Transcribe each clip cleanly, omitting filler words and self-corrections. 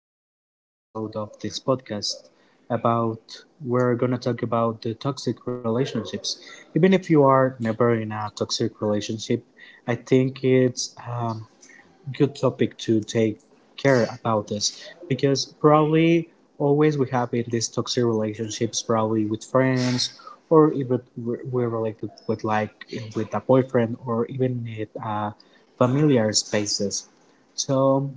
this new episode of this podcast about we're gonna talk about the toxic relationships. Even if you are never in a toxic relationship, I think it's good topic to take care about this because probably always we have in these toxic relationships probably with friends or even we're related with like with a boyfriend or even in familiar spaces. so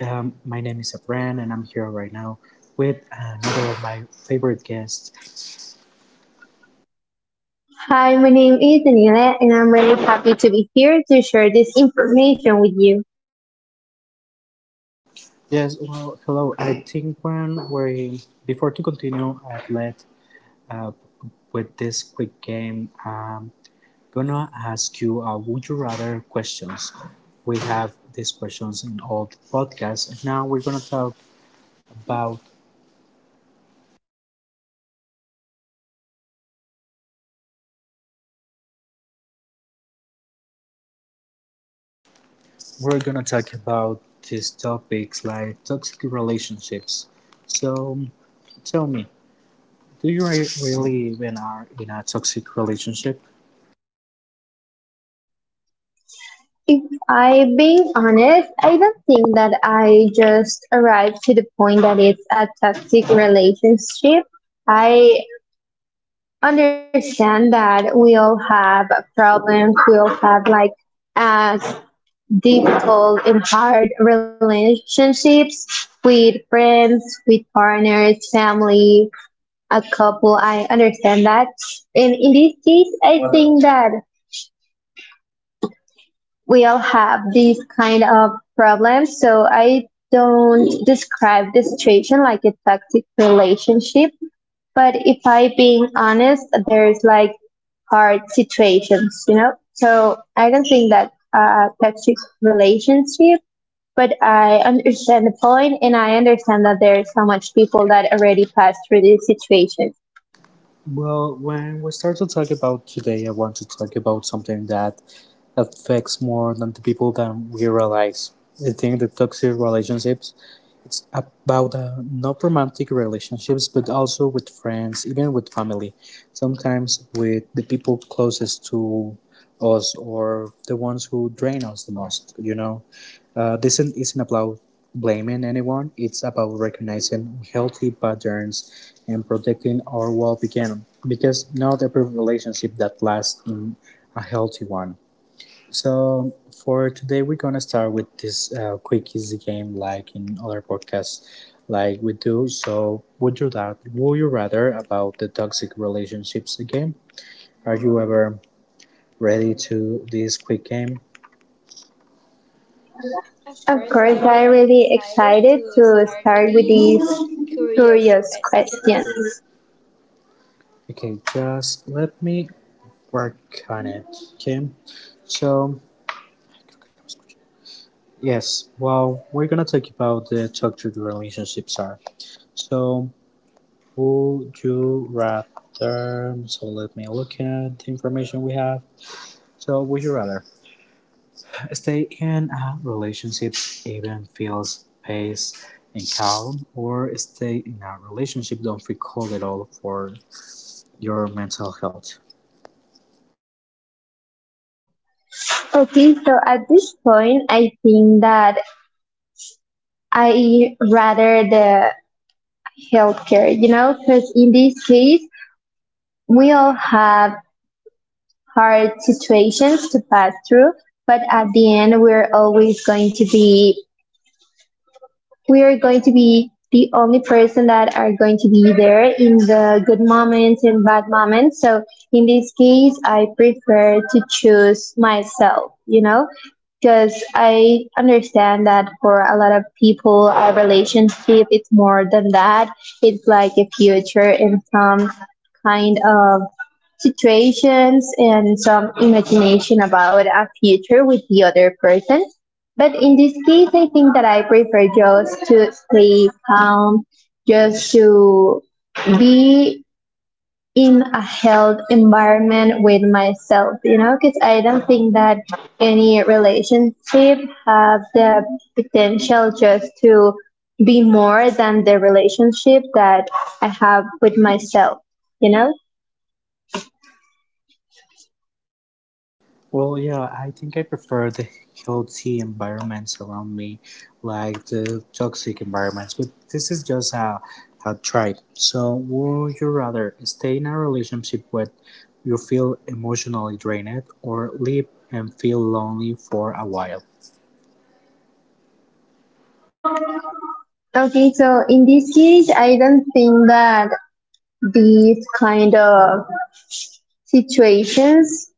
my name is Abran and I'm here right now with another of my favorite guests. Hi, my name is Daniela, and I'm really happy to be here to share this information with you. Yes, well, hello. I think when we before to continue I would let with this quick game. Gonna ask you a would you rather questions. We have these questions in all the podcasts, and now about we're gonna talk about these topics like toxic relationships. So tell me, do you really even are in a toxic relationship? If I'm being honest, I don't think that I just arrived to the point that it's a toxic relationship. I understand that we all have problems, we all have like uh, difficult and hard relationships with friends, with partners, family, a couple. I understand that. And in this case, I think that we all have these kind of problems. So I don't describe the situation like a toxic relationship. But if I being honest, there's like hard situations, you know? So I don't think that a toxic relationship, but I understand the point and I understand that there's so much people that Already. already passed through this situation. Well, when we start to talk about today, I want to talk about something that affects more than the people than we realize. I think the toxic relationships, it's about a not romantic relationships, but also with friends, even with family. Sometimes with the people closest to us or the ones who drain us the most. You know, this isn't about blaming anyone. It's about recognizing healthy patterns and protecting our well-being. Because not every relationship that lasts in a healthy one. So for today, we're gonna start with this quick, easy game, like in other podcasts, like we do. So would you rather about the toxic relationships game? Are you ever ready to this quick game? Of Of course, course, I'm I'm really really excited excited to to start start with with these these curious curious questions. questions. Okay, just let me work on it. Okay, so yes, well, we're gonna talk about the toxic relationships are. So, would you rather? So, let me look at the information we have. So, would you rather stay in a relationship even feels pace and calm, or stay in a relationship don't feel cold at all for your mental health? Okay, so at this point, I think that I rather the healthcare, you know, because in this case, we all have hard situations to pass through, but at the end, we are going to be the only person that are going to be there in the good moments and bad moments. So in this case, I prefer to choose myself, you know, because I understand that for a lot of people, a relationship it's more than that. It's like a future and some kind of situations and some imagination about a future with the other person. But in this case, I think that I prefer just to stay calm, just to be in a health environment with myself, you know, because I don't think that any relationship have the potential just to be more than the relationship that I have with myself, you know? Well, yeah, I think I prefer the healthy environments around me, like the toxic environments. But this is just a tribe. So, would you rather stay in a relationship where you feel emotionally drained, or live and feel lonely for a while? Okay, so in this case, I don't think that these kind of situations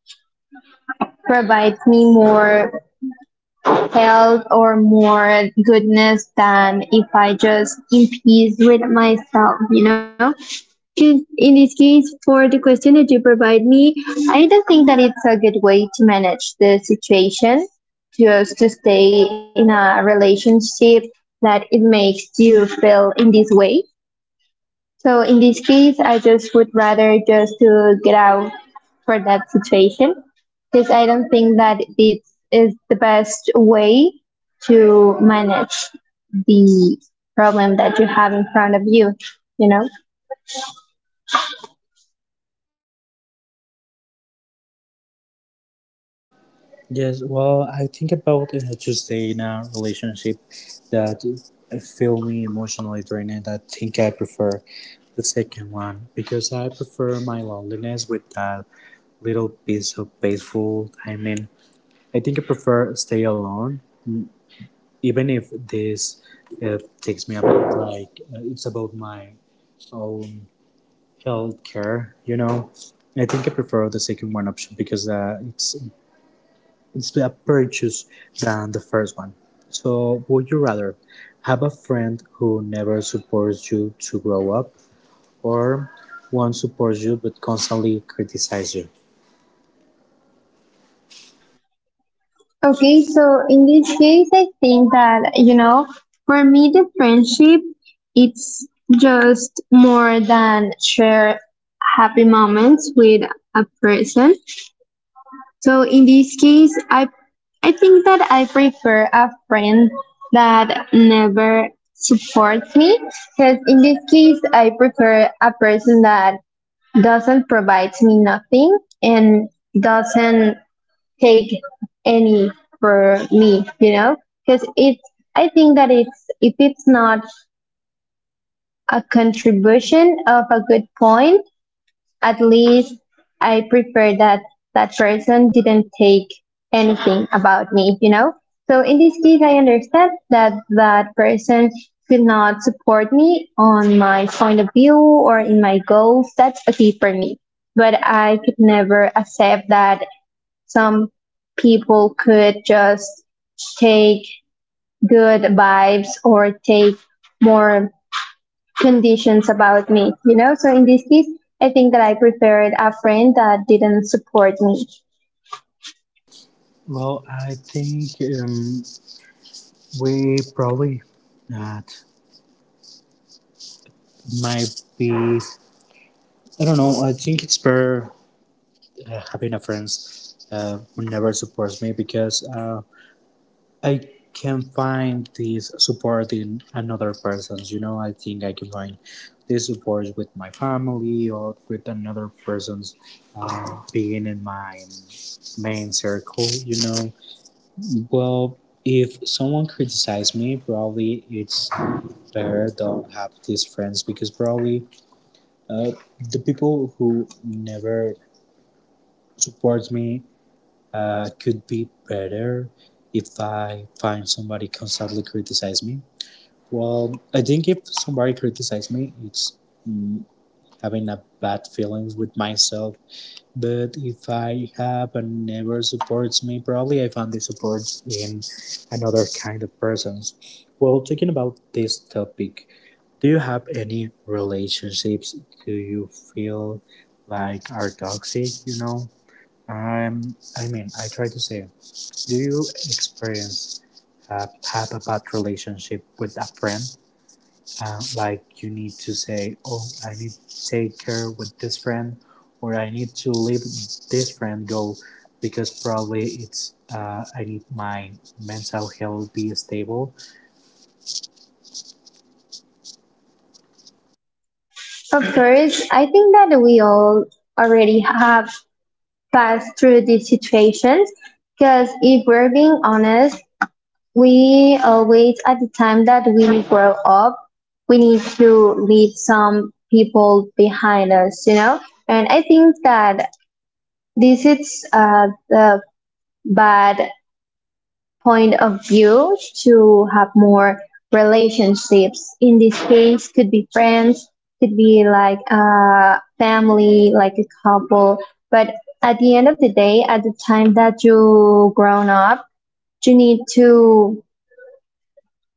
provides me more health or more goodness than if I just in peace with myself, you know? In this case, for the question that you provide me, I don't think that it's a good way to manage the situation, just to stay in a relationship that it makes you feel in this way. So in this case, I just would rather just to get out for that situation because I don't think that it is the best way to manage the problem that you have in front of you, you know? Yes, well, I think about to stay in a relationship that feel me emotionally drained. I think I prefer the second one because I prefer my loneliness with that little piece of peaceful. I mean, I think I prefer stay alone, even if this takes me about like it's about my own health care. You know, I think I prefer the second one option because it's a purchase than the first one. So, would you rather have a friend who never supports you to grow up, or one supports you but constantly criticizes you? Okay, so in this case, I think that, you know, for me, the friendship, it's just more than share happy moments with a person. So in this case, I think that I prefer a friend that never supports me because in this case, I prefer a person that doesn't provide me nothing and doesn't take any for me, you know? Because it's I think that it's if it's not a contribution of a good point at least I prefer that that person didn't take anything about me, you know? So in this case, I understand that that person could not support me on my point of view or in my goals. That's okay for me. But I could never accept that some people could just take good vibes or take more conditions about me, you know? So in this case, I think that I preferred a friend that didn't support me. Well, I think um, we probably that might be. I don't know. I think it's better having a friend who never supports me because I can find this support in another persons. You know, I think I can find this support with my family or with another person's being in my main circle. You know, well, if someone criticizes me, probably it's there don't have these friends because probably uh, the people who never support me could be better if I find somebody constantly criticize me. Well, I think if somebody criticizes me, it's mm, having a bad feelings with myself. But if I have and never supports me, probably I found the support in another kind of persons. Well, talking about this topic, do you have any relationships do you feel like are toxic, you know? I'm I mean, I try to say, do you experience uh, have a bad relationship with a friend? Like you need to say, oh, I need to take care with this friend, or I need to leave this friend go because probably it's I need my mental health be stable. Of course, I think that we all already have passed through these situations because if we're being honest, we always, at the time that we grow up, we need to leave some people behind us, you know? And I think that this is the bad point of view to have more relationships. In this case, could be friends, could be like a family, like a couple. But at the end of the day, at the time that you grown up, you need to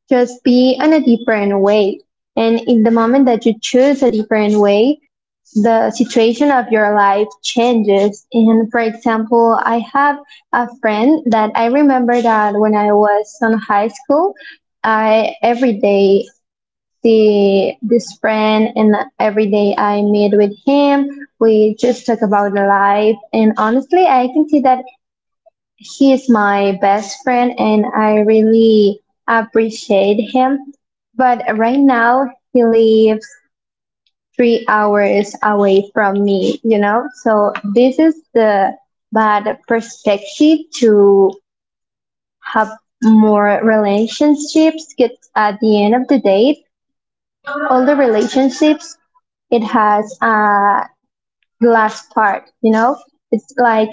just be on a different way. And in the moment that you choose a different way, the situation of your life changes. And for example, I have a friend that I remember that when I was in high school, I every day see this friend and every day I meet with him. We just talk about life and honestly I can see that he is my best friend and I really appreciate him. But right now he lives 3 hours away from me, you know? So this is the bad perspective to have more relationships because at the end of the day, all the relationships, it has a glass part, you know? It's like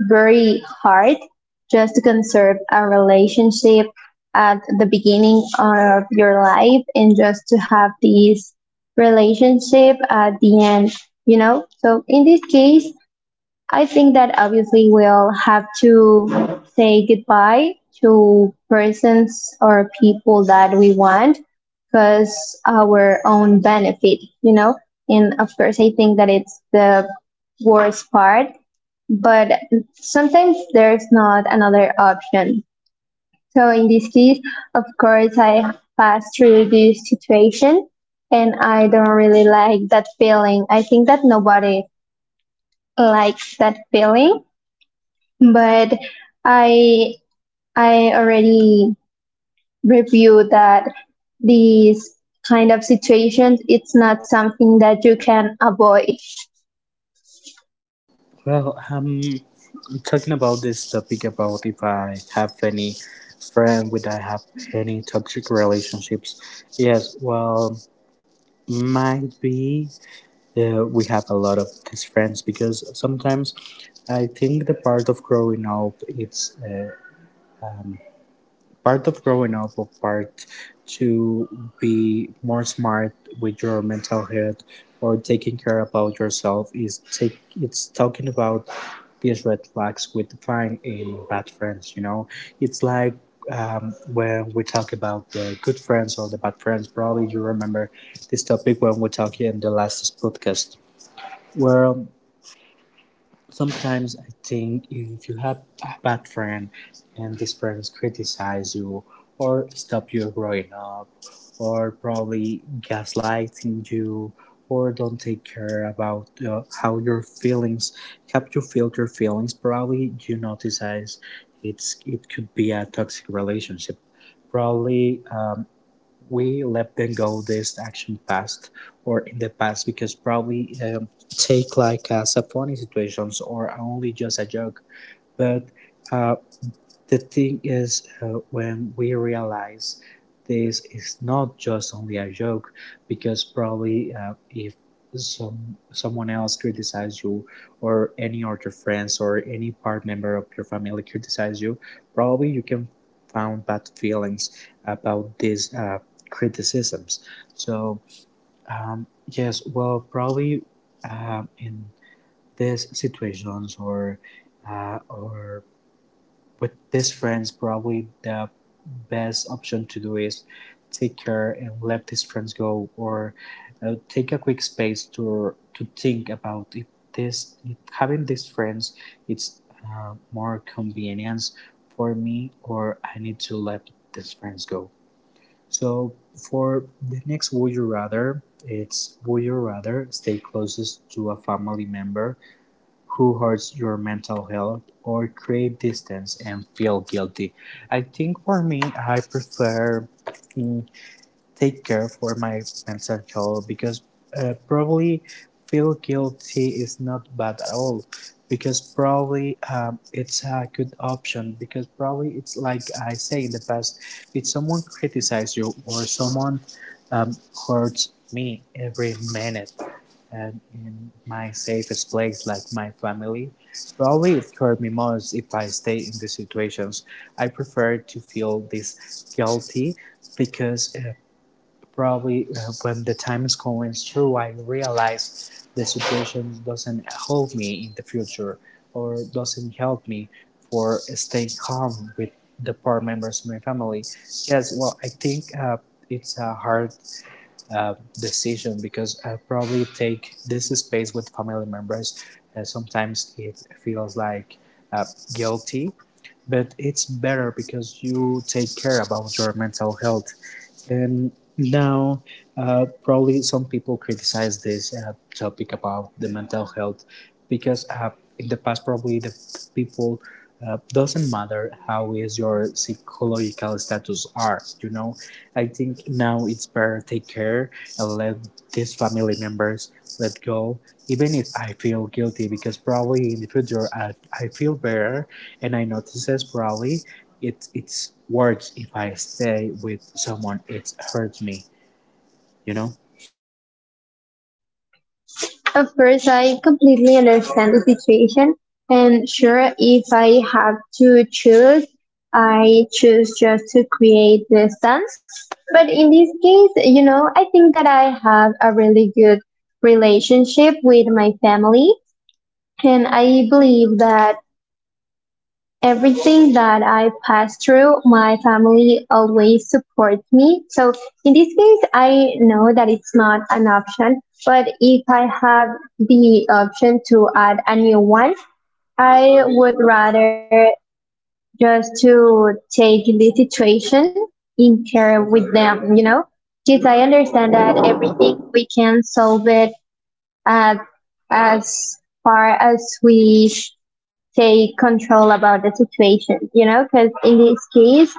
very hard just to conserve a relationship at the beginning of your life and just to have this relationship at the end, you know? So in this case, I think that obviously we'll have to say goodbye to persons or people that we want because our own benefit, you know? And of course, I think that it's the worst part but sometimes there's not another option. So in this case, of course, I pass through this situation and I don't really like that feeling. I think that nobody likes that feeling, but I, I already reviewed that these kind of situations, it's not something that you can avoid. Well, talking about this topic about if I have any friend, would I have any toxic relationships? Yes, well, might be we have a lot of these friends because sometimes I think the part of growing up it's part of growing up or part to be more smart with your mental health or taking care about yourself is take it's talking about these red flags we define in bad friends, you know. It's like when we talk about the good friends or the bad friends, probably you remember this topic when we talked in the last podcast. Well, sometimes I think if you have a bad friend and this friends criticize you or stop you growing up or probably gaslighting you or don't take care about how you feel your feelings, probably you notice it could be a toxic relationship. Probably we let them go this action past or in the past because probably take like sub funny situations or only just a joke. But uh, the thing is, when we realize this is not just only a joke, because probably if someone else criticizes you, or any of your friends or any part member of your family criticizes you, probably you can found bad feelings about these criticisms. So yes, well, probably in these situations or uh, or with these friends, probably the best option to do is take care and let these friends go or take a quick space to think about if this if having these friends it's more convenience for me or I need to let these friends go. So for the next would you rather, it's would you rather stay closest to a family member who hurts your mental health or create distance and feel guilty. I think for me, I prefer mm, take care for my mental health, because probably feel guilty is not bad at all, because probably it's a good option because probably it's like I say in the past, if someone criticizes you or someone um, hurts me every minute and in my safest place like my family, probably it hurt me most. If I stay in these situations, I prefer to feel this guilty, because Probably when the time is going through, I realize the situation doesn't help me in the future or doesn't help me for staying calm with the poor members of my family. Yes, well, I think it's a hard decision because I probably take this space with family members. Sometimes it feels like uh, guilty, but it's better because you take care about your mental health. And now, probably some people criticize this topic about the mental health, because in the past, probably the people doesn't matter how is your psychological status are. You know, I think now it's better take care and let these family members let go, even if I feel guilty, because probably in the future I feel better and I notice this probably it's worse if I stay with someone it hurts me, you know? Of course, I completely understand the situation. And sure, if I have to choose, I choose just to create distance. But in this case, you know, I think that I have a really good relationship with my family. And I believe that everything that I pass through, my family always supports me. So in this case, I know that it's not an option, but if I have the option to add a new one, I would rather just to take the situation in care with them, you know? Because I understand that everything we can solve it uh, as far as we take control about the situation, you know? Because in this case,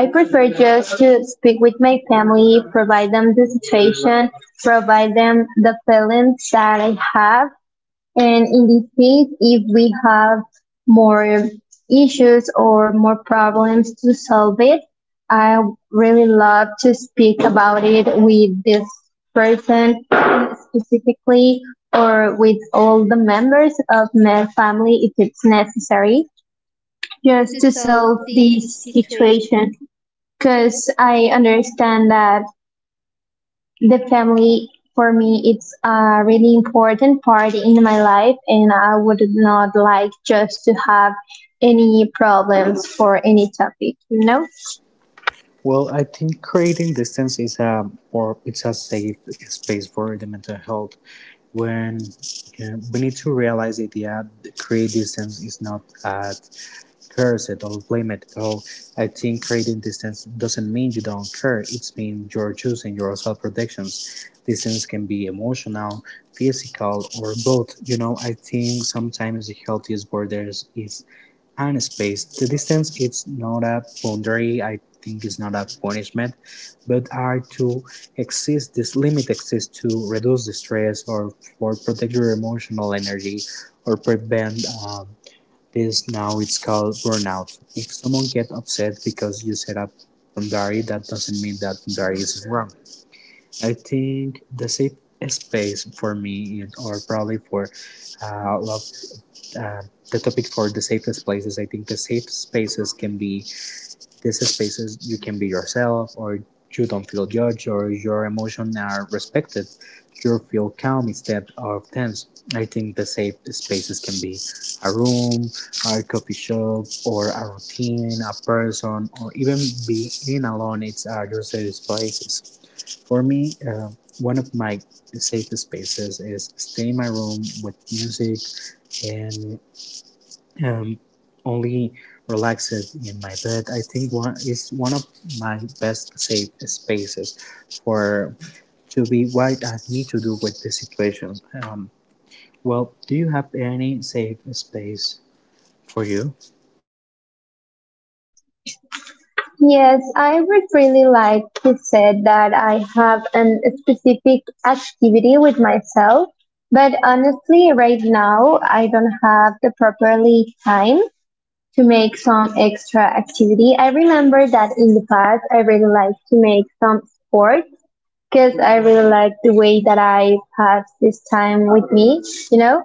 I prefer just to speak with my family, provide them the situation, provide them the feelings that I have and in this case, if we have more issues or more problems to solve it, I really love to speak about it with this person specifically or with all the members of my family if it's necessary To just to solve solve this this situation. situation because I understand that the family for me it's a really important part in my life and I would not like just to have any problems for any topic, you know? Well, I think creating distance is a or it's a safe space for the mental health. When we need to realize that yeah, create distance is not bad. Curse it, or blame it. Oh, I think creating distance doesn't mean you don't care. It means you're choosing your self protections. Distance can be emotional, physical, or both. You know, I think sometimes the healthiest borders is and space. The distance it's not a boundary, I think it's not a punishment, but are to exist this limit exists to reduce the stress or for protect your emotional energy or prevent this now it's called burnout. If someone gets upset because you set up boundary, that doesn't mean that boundary is wrong. I think the safe space for me is, or probably for uh, love, uh, the topic for the safest places. I think the safe spaces can be these spaces you can be yourself or you don't feel judged or your emotions are respected. You feel calm instead of tense. I think the safe spaces can be a room, a coffee shop, or a routine, a person, or even being alone. It's are your safe spaces. For me, one of my safe spaces is stay in my room with music and um, only relaxed in my bed. I think one is one of my best safe spaces for to be what I need to do with the situation. Um, well, do you have any safe space for you? Yes, I would really like to say that I have an specific activity with myself, but honestly right now I don't have the properly time to make some extra activity. I remember that in the past I really like to make some sport because I really like the way that I pass this time with me, you know?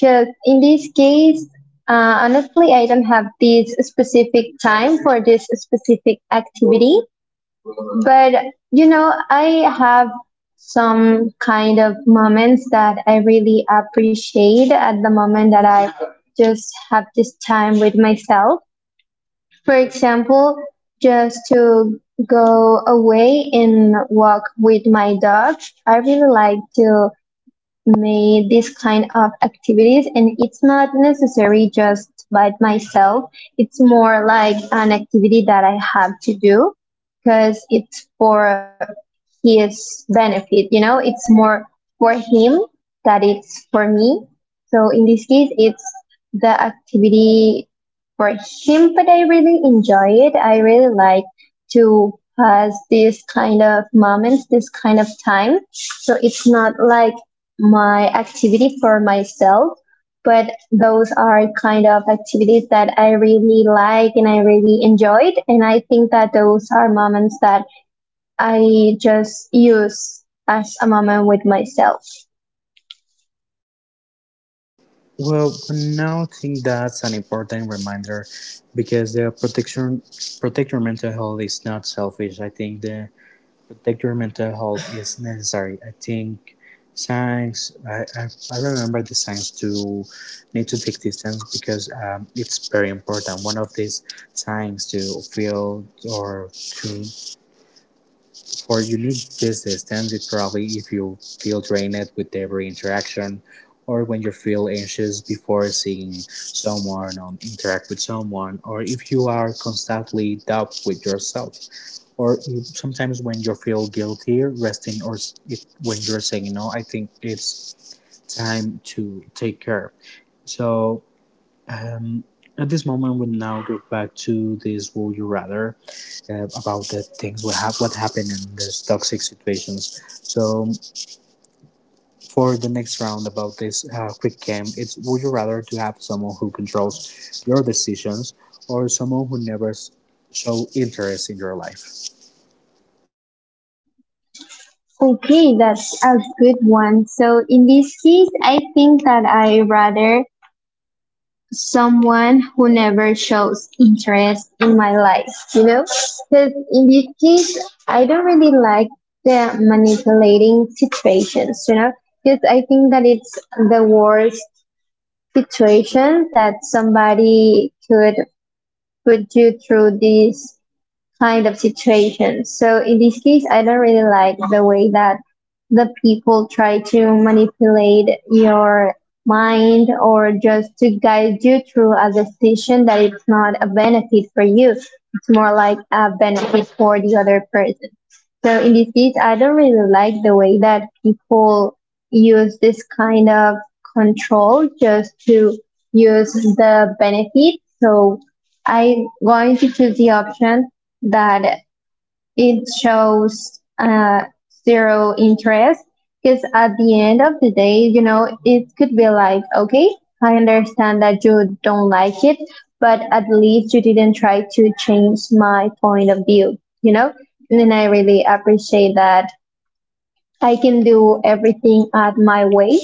Because in this case, honestly, I don't have this specific time for this specific activity, but you know, I have some kind of moments that I really appreciate at the moment that I just have this time with myself. For example, just to go away and walk with my dog. I really like to made this kind of activities and it's not necessary just by myself, it's more like an activity that I have to do because it's for his benefit, you know, it's more for him that it's for me. So in this case it's the activity for him, but I really enjoy it. I really like to pass this kind of moments, this kind of time, so it's not like my activity for myself, but those are kind of activities that I really like and I really enjoyed. And I think that those are moments that I just use as a moment with myself. Well, for now I think that's an important reminder because the protection protect your mental health is not selfish. I think the. Protect your mental health is necessary. I think science, I remember the science to need to take distance because it's very important. One of these signs to feel or to for you need this distance is probably if you feel drained with every interaction, or when you feel anxious before seeing someone or interact with someone, or if you are constantly doubt with yourself, or sometimes when you feel guilty resting or when you're saying no, I think it's time to take care. So um, at this moment we now go back to this would you rather about the things we have what happened in these toxic situations. So for the next round about this quick game, it's would you rather to have someone who controls your decisions or someone who never show interest in your life. Okay, that's a good one. So in this case, I think that I rather someone who never shows interest in my life, you know? Because in this case, I don't really like the manipulating situations, you know? Because I think that it's the worst situation that somebody could put you through this kind of situation. So in this case, I don't really like the way that the people try to manipulate your mind or just to guide you through a decision that it's not a benefit for you. It's more like a benefit for the other person. So in this case, I don't really like the way that people use this kind of control just to use the benefit. So I'm going to choose the option that it shows zero interest because at the end of the day, you know, it could be like, okay, I understand that you don't like it, but at least you didn't try to change my point of view, you know? And then I really appreciate that I can do everything at my way.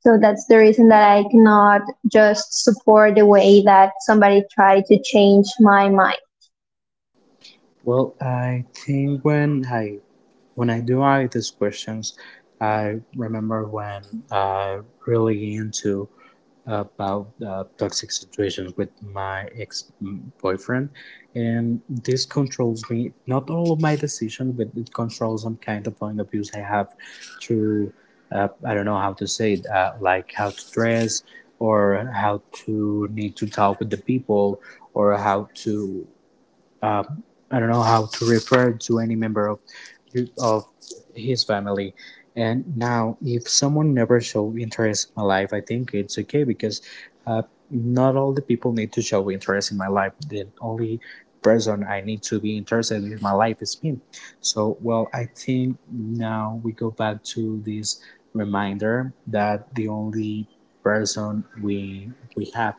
So that's the reason that I cannot just support the way that somebody tried to change my mind. Well, I think when I, when I do ask these questions, I remember when I really into about toxic situations with my ex boyfriend, and this controls me not all of my decisions, but it controls some kind of point of views I have to, I don't know how to say it, like how to dress, or how to need to talk with the people, or how to, um, I don't know how to refer to any member of his family. And now, if someone never show interest in my life, I think it's okay because, uh, not all the people need to show interest in my life. The only person I need to be interested in my life is me. So, well, I think now we go back to this reminder that the only person we have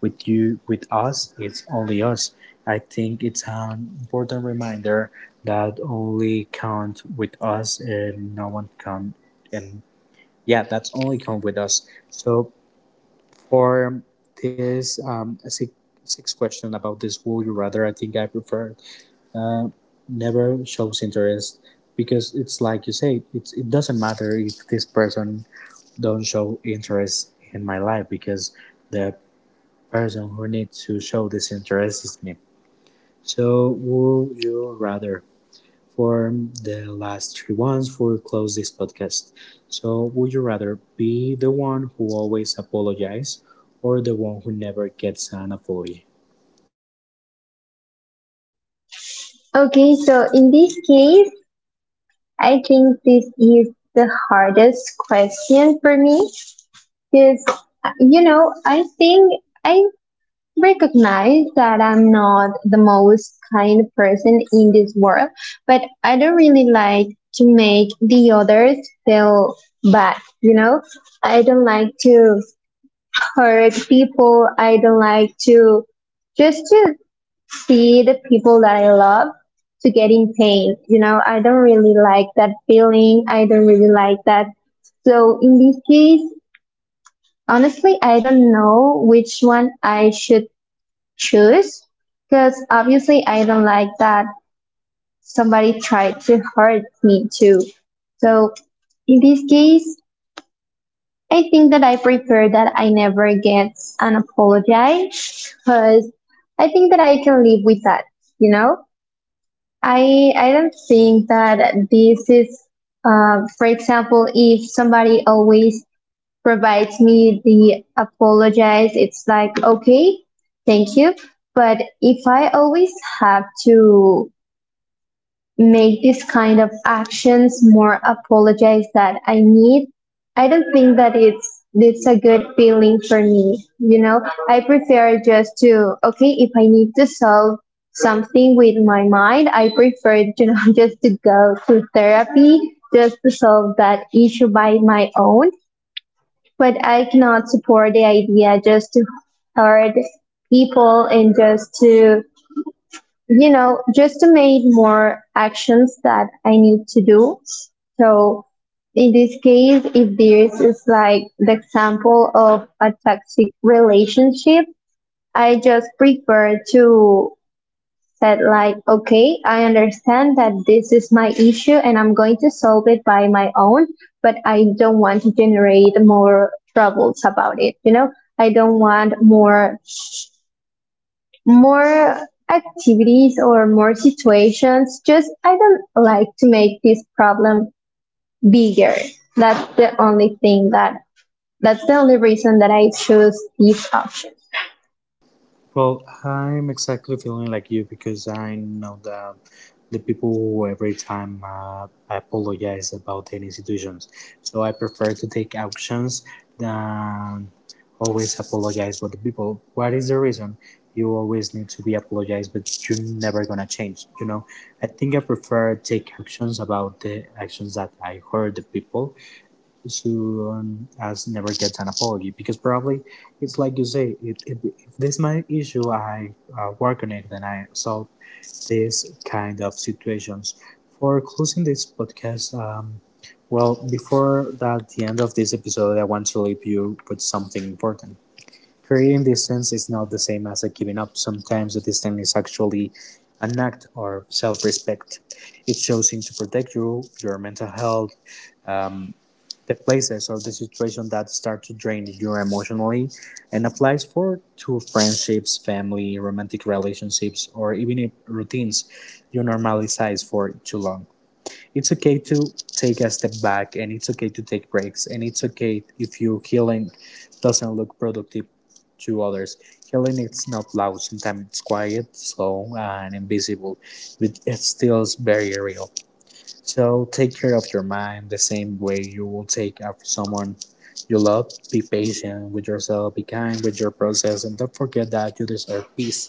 with you, with us, it's only us. I think it's an important reminder that only count with us and no one count, and yeah, that's only count with us. So for this six question about this would you rather, I think I prefer uh, never shows interest, because it's like you say, it's, it doesn't matter if this person don't show interest in my life, because the person who needs to show this interest is me. So would you rather for the last three ones for close this podcast. So would you rather be the one who always apologizes or the one who never gets an apology? Okay, so in this case, I think this is the hardest question for me because, you know, I think I recognize that I'm not the most kind person in this world, but I don't really like to make the others feel bad, you know? I don't like to hurt people. I don't like to just to see the people that I love to get in pain. You know, I don't really like that feeling. I don't really like that. So in this case, honestly, I don't know which one I should choose because obviously I don't like that somebody tried to hurt me too. So in this case, I think that I prefer that I never get an apology because I think that I can live with that, you know? I don't think that this is, for example, if somebody always provides me the apologize, it's like okay, thank you. But if I always have to make this kind of actions more apologize that I need. I don't think that it's a good feeling for me. You know, I prefer just to okay if I need to solve something with my mind, I prefer you know just to go to therapy just to solve that issue by my own. But I cannot support the idea just to hurt people and just to you know, just to make more actions that I need to do. So in this case, if this is like the example of a toxic relationship, I just prefer to said like, okay, I understand that this is my issue and I'm going to solve it by my own, but I don't want to generate more troubles about it. You know, I don't want more activities or more situations. Just I don't like to make this problem bigger. That's the only thing that that's the only reason that I choose this option. Well, I'm exactly feeling like you, because I know that the people who every time apologize about any situations. So I prefer to take actions than always apologize for the people. What is the reason? You always need to be apologized, but you're never gonna change. You know, I think I prefer take actions about the actions that I hurt the people soon as never gets an apology, because probably it's like you say it, if this is my issue, I work on it and I solve this kind of situations. For closing this podcast, well, before that, the end of this episode I want to leave you with something important. Creating distance is not the same as a giving up. Sometimes the distance is actually an act or self-respect. It's choosing to protect you your mental health, um, the places or the situation that start to drain you emotionally, and applies for to friendships, family, romantic relationships, or even if routines you normalize for too long. It's okay to take a step back, and it's okay to take breaks, and it's okay if your healing doesn't look productive to others. Healing it's not loud, sometimes it's quiet, slow and invisible, but it still very real. So take care of your mind the same way you will take after someone you love. Be patient with yourself, be kind with your process, and don't forget that you deserve peace,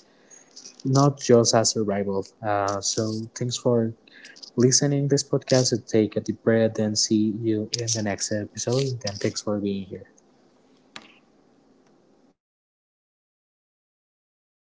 not just as a rival. So thanks for listening this podcast, take a deep breath and see you in the next episode. And thanks for being here.